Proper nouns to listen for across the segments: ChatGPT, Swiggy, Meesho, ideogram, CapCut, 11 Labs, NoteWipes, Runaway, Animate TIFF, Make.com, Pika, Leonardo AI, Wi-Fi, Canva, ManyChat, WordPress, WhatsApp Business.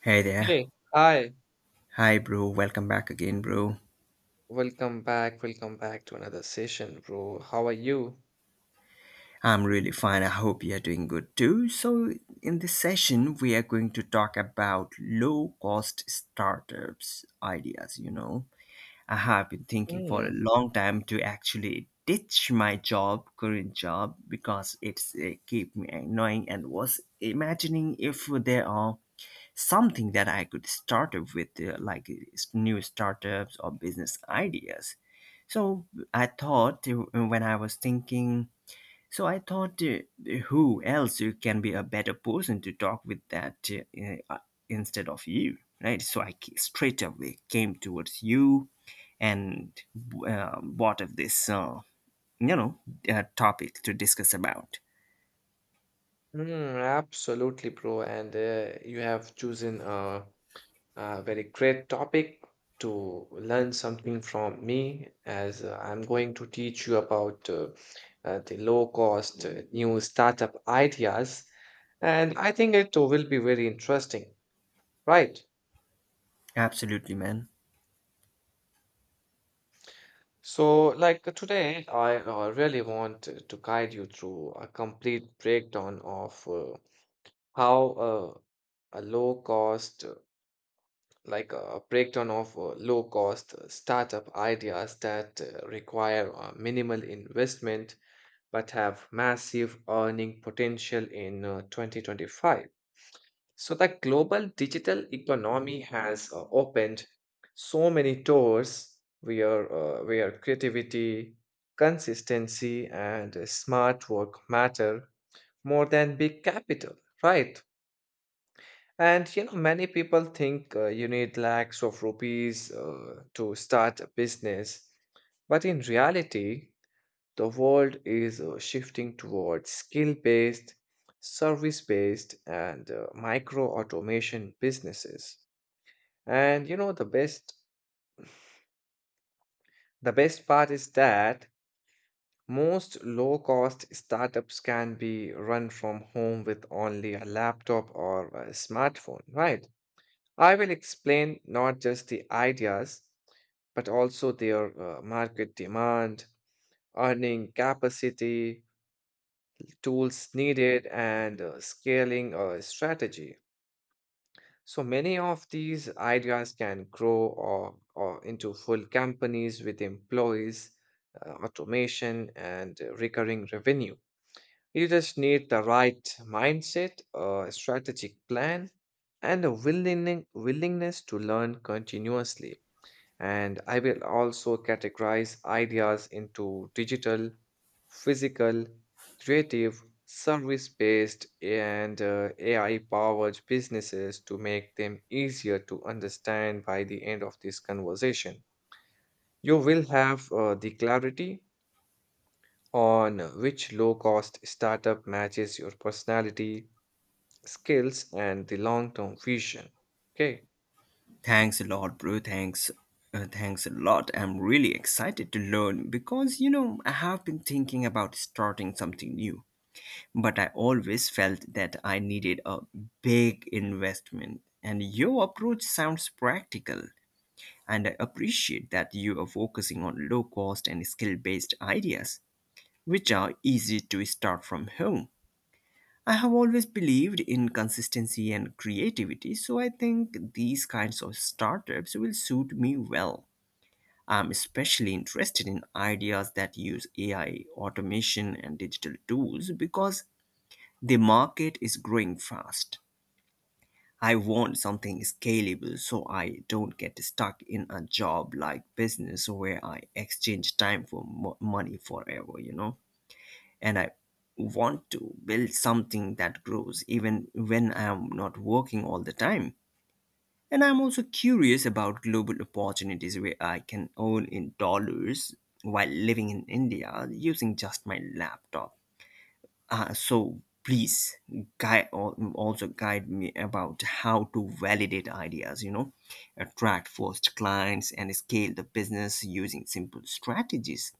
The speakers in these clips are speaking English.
Hey there. Hey, hi. Hi, bro. Welcome back again, bro. Welcome back. Welcome back to another session, bro. How are you? I'm really fine. I hope you're doing good too. So, in this session, we are going to talk about low cost startups ideas. You know, I have been thinking for a Mm, long time to actually ditch my job, current job, because it's keep me annoying and was imagining if there are something that I could start up with, like new startups or business ideas. So I thought when I was thinking, so I thought who else you can be a better person to talk with that instead of you, right? So I straight away came towards you and bought of this, you know, topic to discuss about. Absolutely, bro. And you have chosen a very great topic to learn something from me, as I'm going to teach you about the low-cost new startup ideas. And I think it will be very interesting, right? Absolutely, man. So, today, I really want to guide you through a complete breakdown of how uh, a low cost, uh, a breakdown of low cost startup ideas that require minimal investment but have massive earning potential in 2025. So, the global digital economy has opened so many doors where creativity, consistency, and smart work matter more than big capital, right? And you know, many people think you need lakhs of rupees to start a business, but in reality, the world is shifting towards skill based, service based, and micro automation businesses. And you know, the best part is that most low cost startups can be run from home with only a laptop or a smartphone, right? I will explain not just the ideas, but also their market demand, earning capacity, tools needed, and scaling a strategy. So many of these ideas can grow or into full companies with employees, automation, and recurring revenue. You just need the right mindset, a strategic plan, and a willingness to learn continuously. And I will also categorize ideas into digital, physical, creative, service based, and AI powered businesses to make them easier to understand by the end of this conversation. You will have the clarity on which low cost startup matches your personality, skills, and the long term vision. Okay. Thanks a lot, bro. Thanks. Thanks a lot. I'm really excited to learn because, you know, I have been thinking about starting something new, but I always felt that I needed a big investment. And your approach sounds practical, and I appreciate that you are focusing on low cost and skill based ideas, which are easy to start from home. I have always believed in consistency and creativity, so I think these kinds of startups will suit me well. I'm especially interested in ideas that use AI, automation, and digital tools because the market is growing fast. I want something scalable so I don't get stuck in a job like business where I exchange time for money forever, you know? And I want to build something that grows even when I am not working all the time. And I'm also curious about global opportunities where I can earn in dollars while living in India using just my laptop. So please guide also guide me about how to validate ideas, attract first clients and scale the business using simple strategies.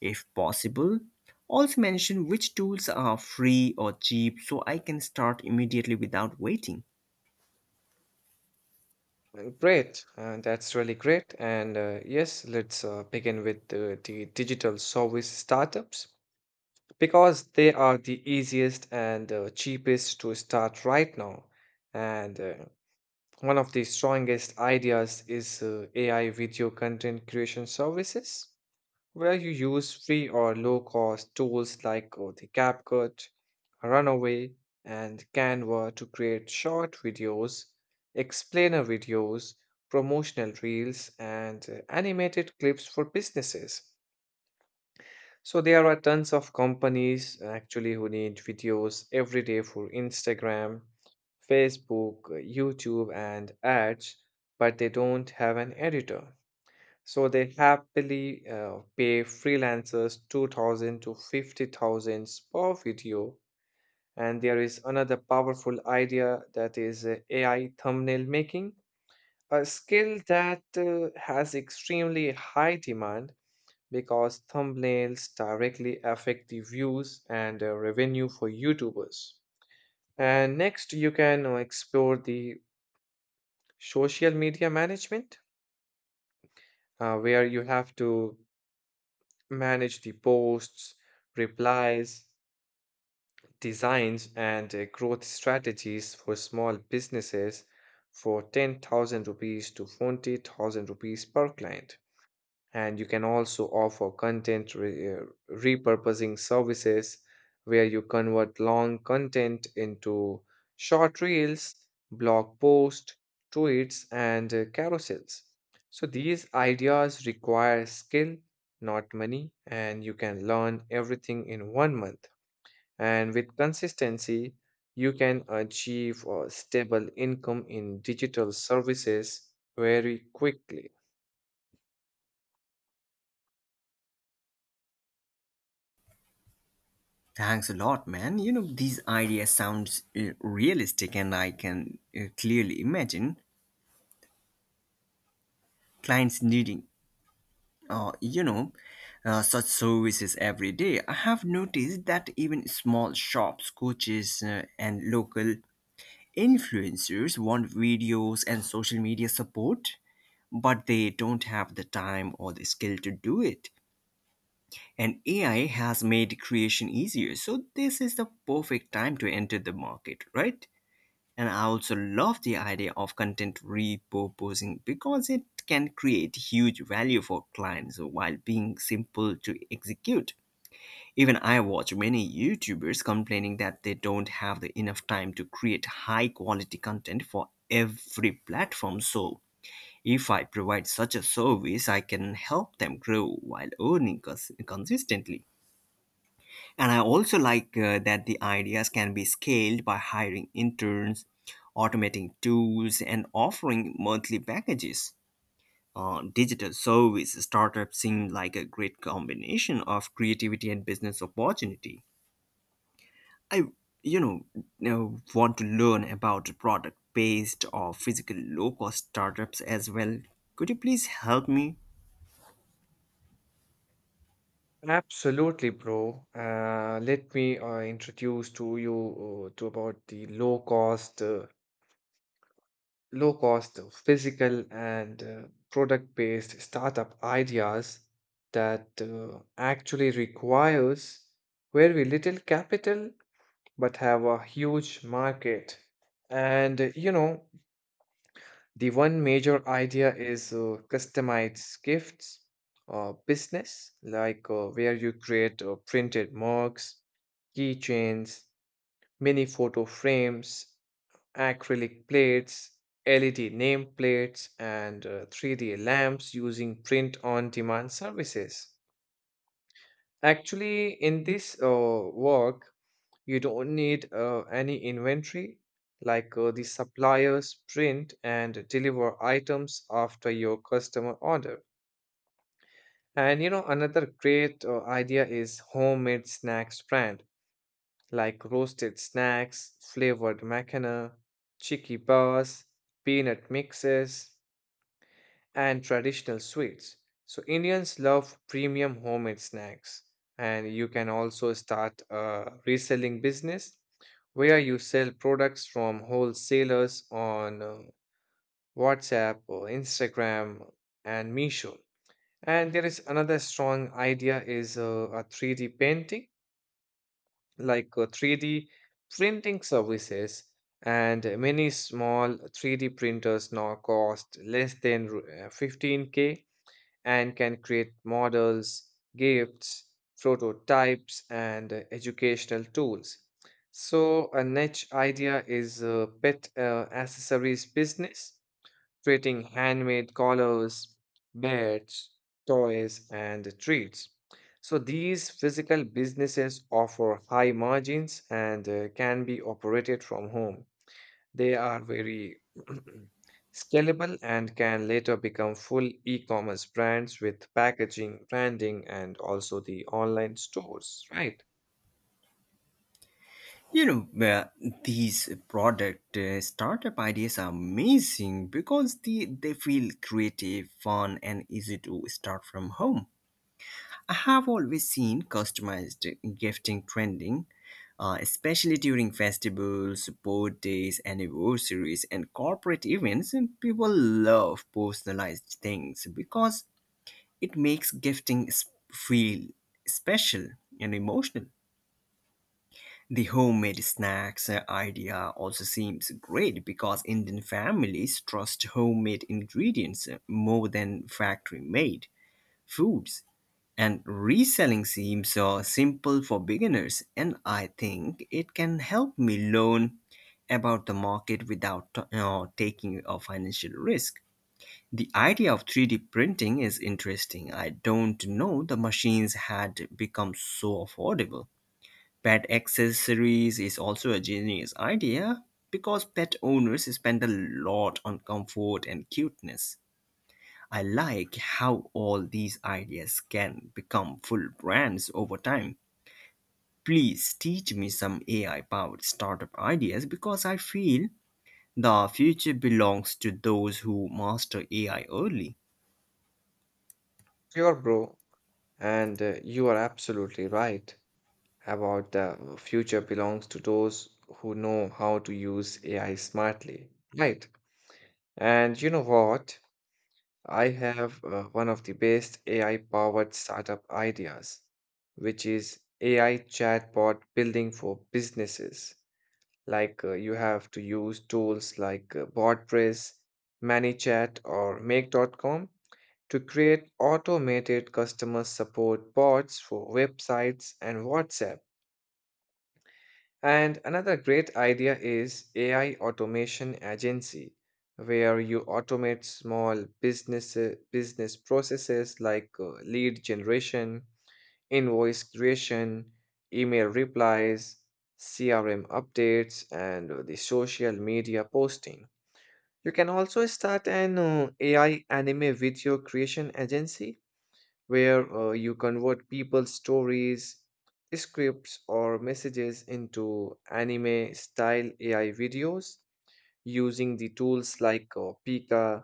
If possible, also mention which tools are free or cheap so I can start immediately without waiting. Great, that's really great. And yes, let's begin with the digital service startups because they are the easiest and cheapest to start right now. And one of the strongest ideas is AI video content creation services where you use free or low cost tools the CapCut, Runaway, and Canva to create short videos, explainer videos, promotional reels, and animated clips for businesses. So there are tons of companies actually who need videos every day for Instagram, Facebook, YouTube, and ads, but they don't have an editor. So they happily pay freelancers 2,000 to 50,000 per video. And there is another powerful idea that is AI thumbnail making, a skill that has extremely high demand because thumbnails directly affect the views and revenue for YouTubers. And next, you can explore the social media management, where you have to manage the posts, replies, designs, and growth strategies for small businesses for 10,000 rupees to 20,000 rupees per client, and you can also offer repurposing services where you convert long content into short reels, blog posts, tweets, and carousels. So these ideas require skill, not money, and you can learn everything in 1 month. And with consistency, you can achieve a stable income in digital services very quickly. Thanks a lot, man. You know, these ideas sounds realistic and I can clearly imagine clients needing uh, you know, such services every day. I have noticed that even small shops, coaches, and local influencers want videos and social media support, but they don't have the time or the skill to do it. And AI has made creation easier. So this is the perfect time to enter the market, right? And I also love the idea of content repurposing because it can create huge value for clients while being simple to execute. Even I watch many YouTubers complaining that they don't have the enough time to create high quality content for every platform. So if I provide such a service, I can help them grow while earning consistently. And I also like that the ideas can be scaled by hiring interns, automating tools, and offering monthly packages. Digital service startups seem like a great combination of creativity and business opportunity. I, you know, now want to learn about product-based or physical low-cost startups as well. Could you please help me? Absolutely, bro. Let me introduce to you to about the low cost physical and product-based startup ideas that actually requires very little capital but have a huge market. And you know, the one major idea is customized gifts or business, where you create printed mugs, keychains, mini photo frames, acrylic plates, LED nameplates, and 3D lamps using print on demand services. Actually, in this work, you don't need any inventory, the suppliers print and deliver items after your customer order. And you know, another great idea is homemade snacks brand, like roasted snacks, flavored macana, chicky bars, peanut mixes, and traditional sweets. So Indians love premium homemade snacks, and you can also start a reselling business where you sell products from wholesalers on WhatsApp or Instagram and Meesho. And there is another strong idea is a 3D painting, 3D printing services, and many small 3D printers now cost less than 15K and can create models, gifts, prototypes, and educational tools. So, a niche idea is pet accessories business, creating handmade collars, beds, toys, and treats. So, these physical businesses offer high margins and can be operated from home. They are very scalable and can later become full e-commerce brands with packaging, branding, and also the online stores, right? You know, uh, these product startup ideas are amazing because they feel creative, fun, and easy to start from home. I have always seen customized gifting trending, especially during festivals, support days, anniversaries, and corporate events. And people love personalized things because it makes gifting feel special and emotional. The homemade snacks idea also seems great because Indian families trust homemade ingredients more than factory made foods. And reselling seems simple for beginners, and I think it can help me learn about the market without taking a financial risk. The idea of 3D printing is interesting. I don't know the machines had become so affordable. Pet accessories is also a genius idea because pet owners spend a lot on comfort and cuteness. I like how all these ideas can become full brands over time. Please teach me some AI powered startup ideas because I feel the future belongs to those who master AI early. Sure, bro. And you are absolutely right about the future belongs to those who know how to use AI smartly, right? And you know what? I have one of the best AI powered startup ideas, which is AI chatbot building for businesses. You have to use tools WordPress, ManyChat, or Make.com to create automated customer support bots for websites and WhatsApp. And another great idea is AI automation agency, where you automate small business business processes like lead generation, invoice creation, email replies, CRM updates, and the social media posting. You can also start an AI anime video creation agency where you convert people's stories, scripts, or messages into anime style AI videos using the tools Pika,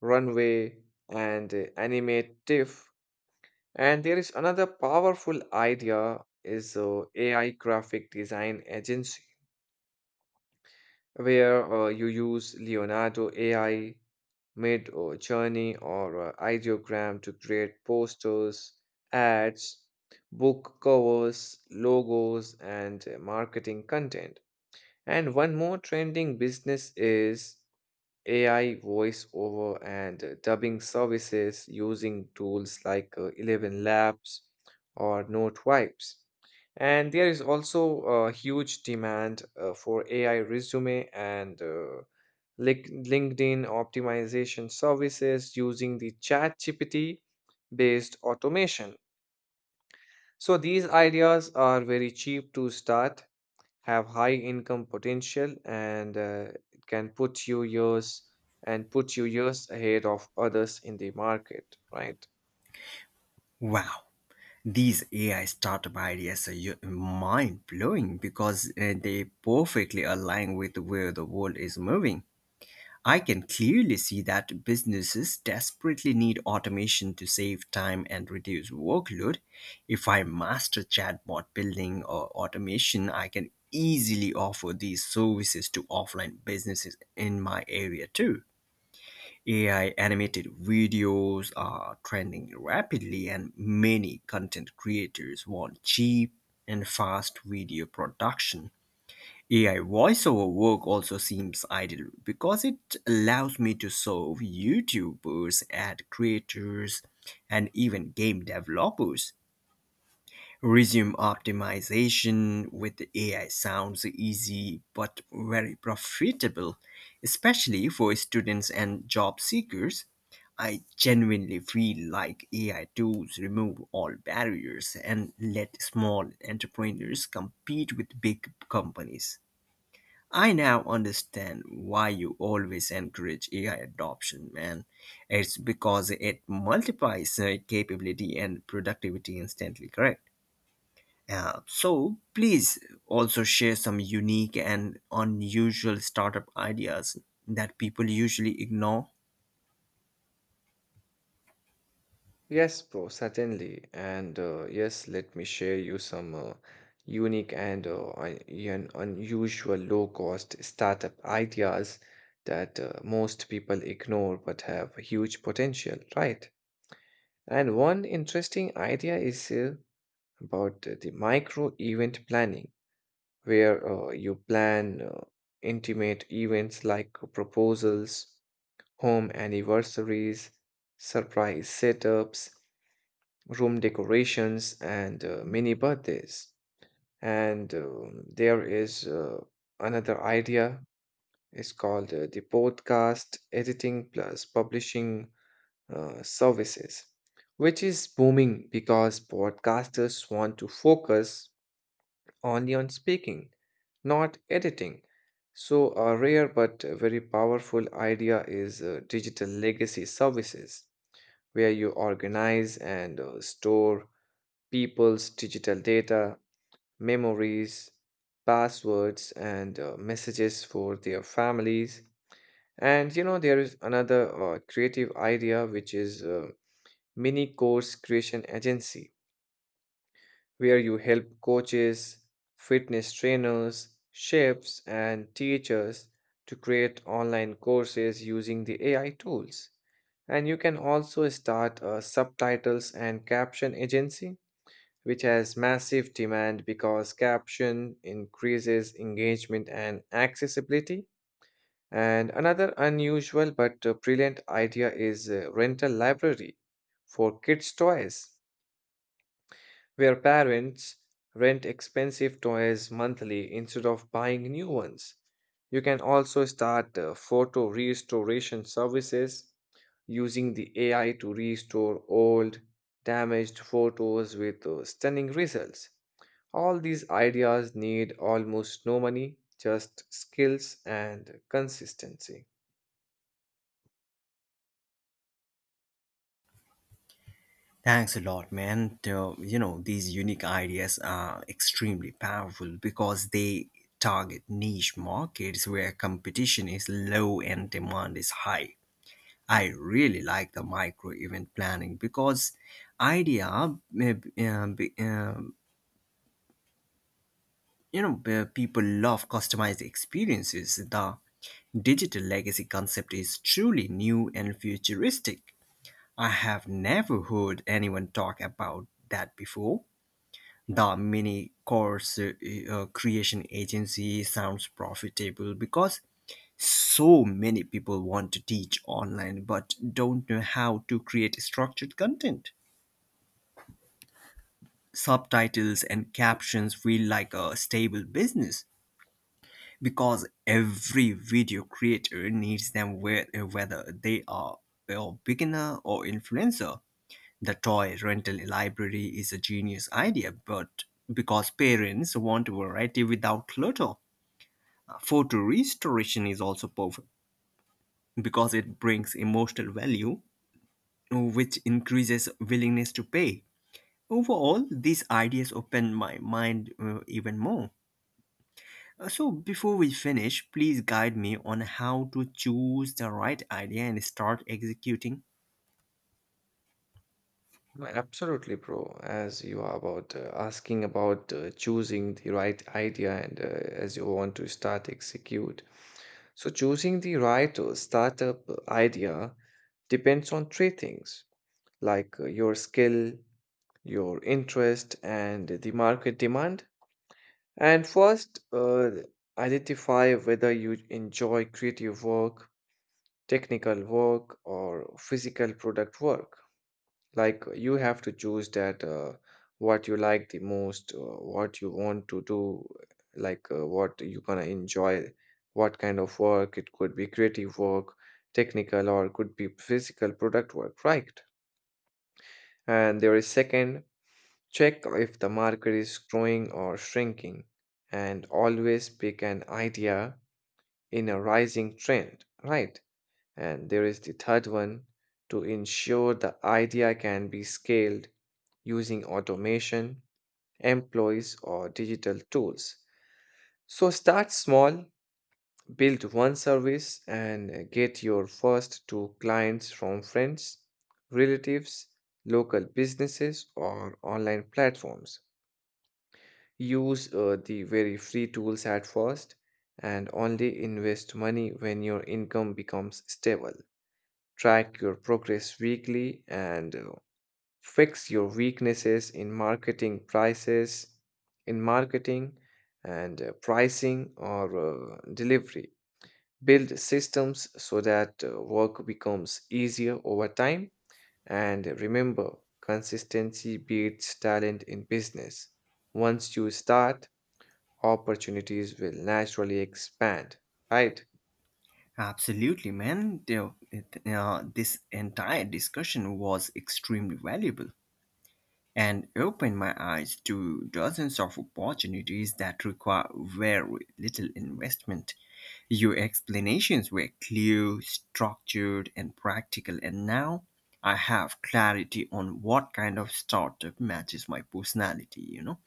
Runway, and Animate TIFF. And there is another powerful idea is AI graphic design agency where you use Leonardo AI made a journey or a ideogram to create posters, ads, book covers, logos, and marketing content. And one more trending business is AI voiceover and dubbing services using tools 11 Labs or NoteWipes. And there is also a huge demand for AI resume and LinkedIn optimization services using the ChatGPT based automation. So these ideas are very cheap to start, have high income potential, and it can put you years and put you years ahead of others in the market, right? Wow, these AI startup ideas are mind blowing because they perfectly align with where the world is moving. I can clearly see that businesses desperately need automation to save time and reduce workload. If I master chatbot building or automation, I can easily offer these services to offline businesses in my area too. AI animated videos are trending rapidly, and many content creators want cheap and fast video production. AI voiceover work also seems ideal because it allows me to serve YouTubers, ad creators, and even game developers. Resume optimization with AI sounds easy but very profitable, especially for students and job seekers. I genuinely feel like AI tools remove all barriers and let small entrepreneurs compete with big companies. I now understand why you always encourage AI adoption, man. It's because it multiplies capability and productivity instantly, correct? So please also share some unique and unusual startup ideas that people usually ignore. Yes, bro, certainly. And yes, let me share you some unique and unusual low cost startup ideas that most people ignore but have huge potential, right? And one interesting idea is about the micro event planning, where you plan intimate events like proposals, home anniversaries, surprise setups, room decorations, and mini birthdays. And there is another idea. It's called the podcast editing plus publishing services, which is booming because podcasters want to focus only on speaking, not editing. So, a rare but very powerful idea is digital legacy services, where you organize and store people's digital data, memories, passwords, and messages for their families. And you know, there is another creative idea which is mini course creation agency where you help coaches, fitness trainers, chefs, and teachers to create online courses using the AI tools. And you can also start a subtitles and caption agency, which has massive demand because caption increases engagement and accessibility. And another unusual but brilliant idea is rental library for kids' toys where parents rent expensive toys monthly instead of buying new ones. You can also start photo restoration services using the AI to restore old, damaged photos with stunning results. All these ideas need almost no money, just skills and consistency. Thanks a lot, man. These unique ideas are extremely powerful because they target niche markets where competition is low and demand is high. I really like the micro event planning because idea, people love customized experiences. The digital legacy concept is truly new and futuristic. I have never heard anyone talk about that before. The mini course creation agency sounds profitable because so many people want to teach online but don't know how to create structured content. Subtitles and captions feel like a stable business because every video creator needs them whether they are a beginner or influencer. The toy rental library is a genius idea, but because parents want variety without clutter. Photo restoration is also powerful because it brings emotional value, which increases willingness to pay. Overall, these ideas open my mind even more. So, before we finish, please guide me on how to choose the right idea and start executing. No, absolutely, bro. As you are about asking about choosing the right idea and as you want to start execute. So choosing the right startup idea depends on 3 things your skill, your interest, and the market demand. And first, identify whether you enjoy creative work, technical work, or physical product work. Like you have to choose that what you like the most, what you want to do, what you're gonna enjoy, what kind of work. It could be creative work, technical, or could be physical product work, right? And there is second, check if the market is growing or shrinking, and always pick an idea in a rising trend, right? And there is the third one, to ensure the idea can be scaled using automation, employees, or digital tools. So start small, build one service, and get your first 2 clients from friends, relatives, local businesses, or online platforms. Use the very free tools at first, and only invest money when your income becomes stable. Track your progress weekly and fix your weaknesses in marketing prices in marketing and pricing or delivery. Build systems so that work becomes easier over time, and remember, consistency beats talent in business. Once you start, opportunities will naturally expand, right? Absolutely, man. This entire discussion was extremely valuable and opened my eyes to dozens of opportunities that require very little investment. Your explanations were clear, structured, and practical, and now I have clarity on what kind of startup matches my personality, you know.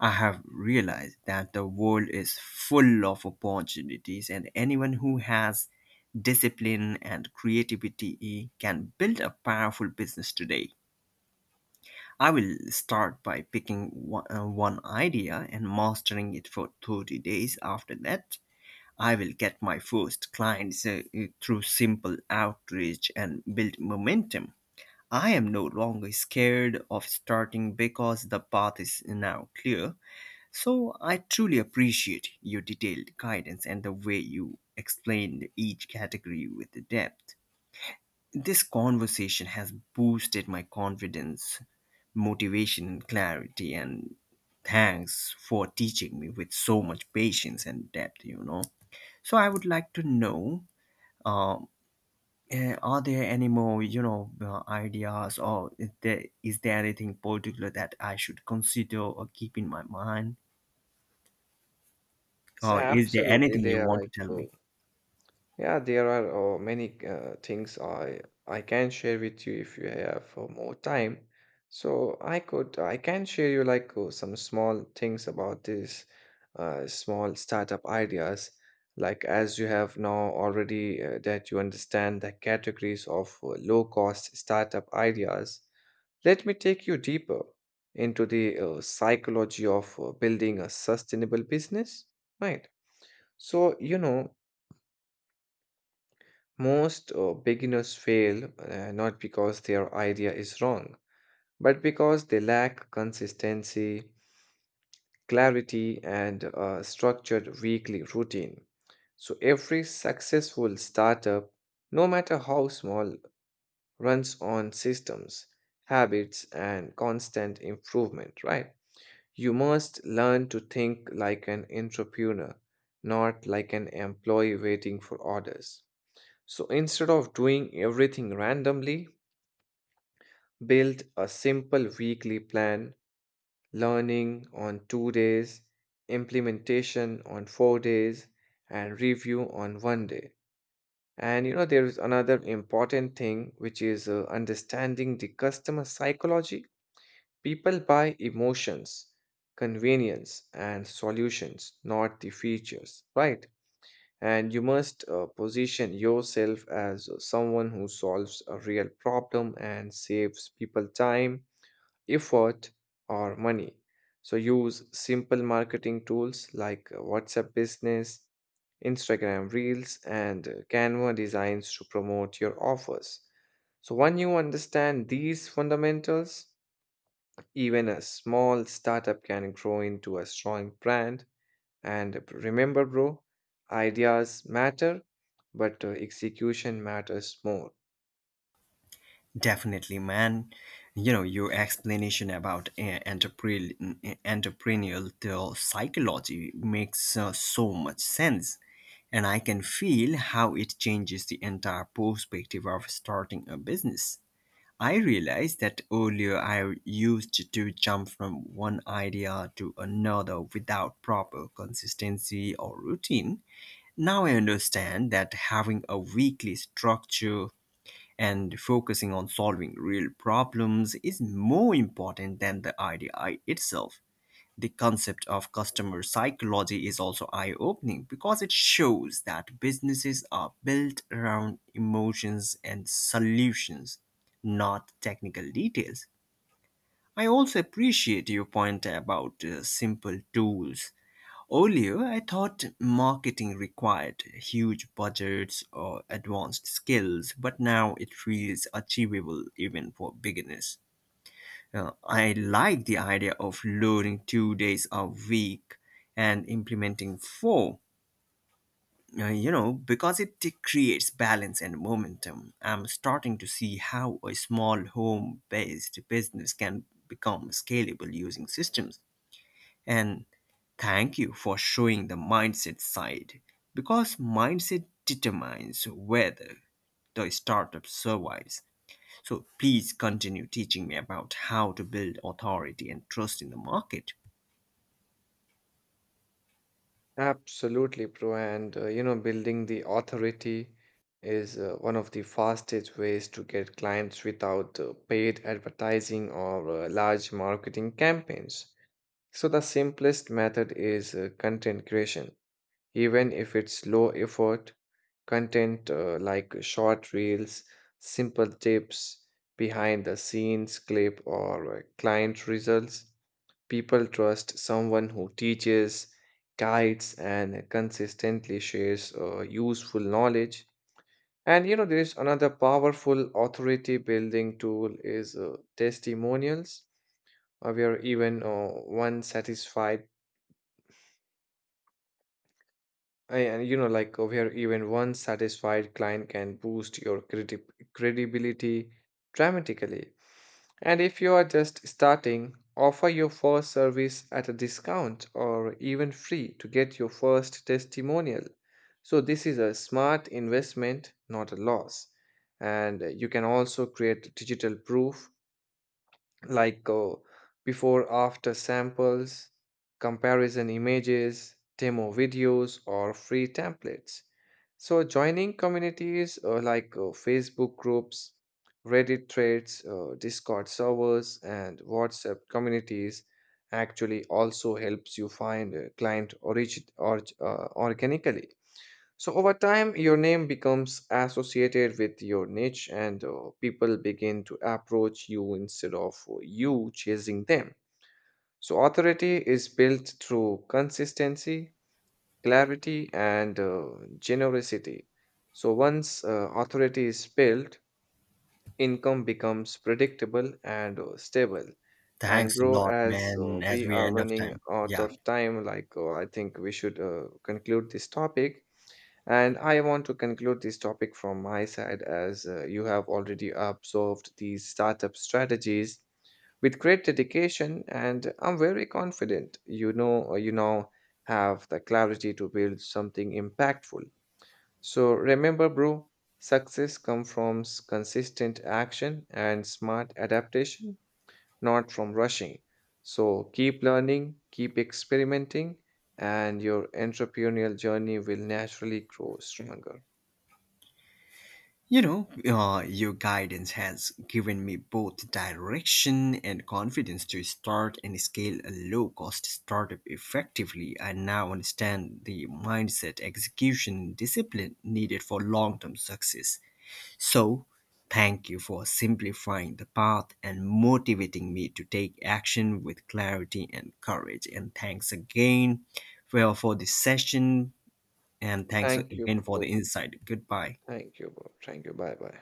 I have realized that the world is full of opportunities, and anyone who has discipline and creativity can build a powerful business today. I will start by picking one idea and mastering it for 30 days. After that, I will get my first clients through simple outreach and build momentum. I am no longer scared of starting because the path is now clear. So I truly appreciate your detailed guidance and the way you explained each category with depth. This conversation has boosted my confidence, motivation, clarity, and thanks for teaching me with so much patience and depth. So I would like to know, uh, are there any more, ideas or is there anything particular that I should consider or keep in my mind? it's Or is there absolutely anything you Leah, want to like tell me? Yeah, there are many things I can share with you if you have more time. So I can share you some small things about this small startup ideas. Like as you have now already that you understand the categories of low cost startup ideas. Let me take you deeper into the psychology of building a sustainable business, right? So you know most beginners fail not because their idea is wrong, but because they lack consistency, clarity, and a structured weekly routine. So every successful startup, no matter how small, runs on systems, habits, and constant improvement, right? You must learn to think like an entrepreneur, not like an employee waiting for orders. So instead of doing everything randomly, build a simple weekly plan, learning on 2 days, implementation on 4 days, and review on 1 day. And you know, there is another important thing which is understanding the customer psychology. People buy emotions, convenience, and solutions, not the features, right? And you must position yourself as someone who solves a real problem and saves people time, effort, or money. So use simple marketing tools like WhatsApp Business, Instagram Reels, and Canva designs to promote your offers. So, when you understand these fundamentals, even a small startup can grow into a strong brand and remember, bro, ideas matter, but execution matters more. Definitely, man. You know, your explanation about entrepreneurial psychology makes so much sense. And I can feel how it changes the entire perspective of starting a business. I realized that earlier I used to jump from one idea to another without proper consistency or routine. Now I understand that having a weekly structure and focusing on solving real problems is more important than the idea itself. The concept of customer psychology is also eye opening because it shows that businesses are built around emotions and solutions, not technical details. I also appreciate your point about simple tools. Earlier, I thought marketing required huge budgets or advanced skills, but now it feels achievable even for beginners. I like the idea of learning 2 days a week and implementing four, because it creates balance and momentum. I'm starting to see how a small home based business can become scalable using systems. And thank you for showing the mindset side because mindset determines whether the startup survives. So please continue teaching me about how to build authority and trust in the market. Absolutely, bro. And you know, building the authority is one of the fastest ways to get clients without paid advertising or large marketing campaigns. So, the simplest method is content creation, even if it's low effort. Content like short reels, simple tips, behind the scenes clip, or client results. People trust someone who teaches, guides, and consistently shares useful knowledge. And you know, there is another powerful authority building tool is testimonials, where even and you know, like over here, even one satisfied client can boost your credibility dramatically. And if you are just starting, offer your first service at a discount or even free to get your first testimonial. So, this is a smart investment, not a loss. And you can also create digital proof like before after samples, comparison images, demo videos, or free templates. So, joining communities like Facebook groups, Reddit threads, Discord servers, and WhatsApp communities actually also helps you find a client organically. So over time, your name becomes associated with your niche, and people begin to approach you instead of you chasing them. So authority is built through consistency, clarity, and generosity. So once authority is built, income becomes predictable and stable. And Thanks a bro, lot, as man, as we we are end of running time. out Yeah. of time, I think we should conclude this topic. And I want to conclude this topic from my side as you have already observed these startup strategies with great dedication and I'm very confident you know you now have the clarity to build something impactful. So remember bro, success comes from consistent action and smart adaptation, not from rushing. So keep learning, keep experimenting and your entrepreneurial journey will naturally grow stronger. Your guidance has given me both direction and confidence to start and scale a low cost startup effectively. I now understand the mindset, execution, and discipline needed for long term success. So, thank you for simplifying the path and motivating me to take action with clarity and courage. And thanks again for this session. And thanks Thank you, again for the bro. insight. Goodbye. Thank you, bro. Thank you. Bye bye.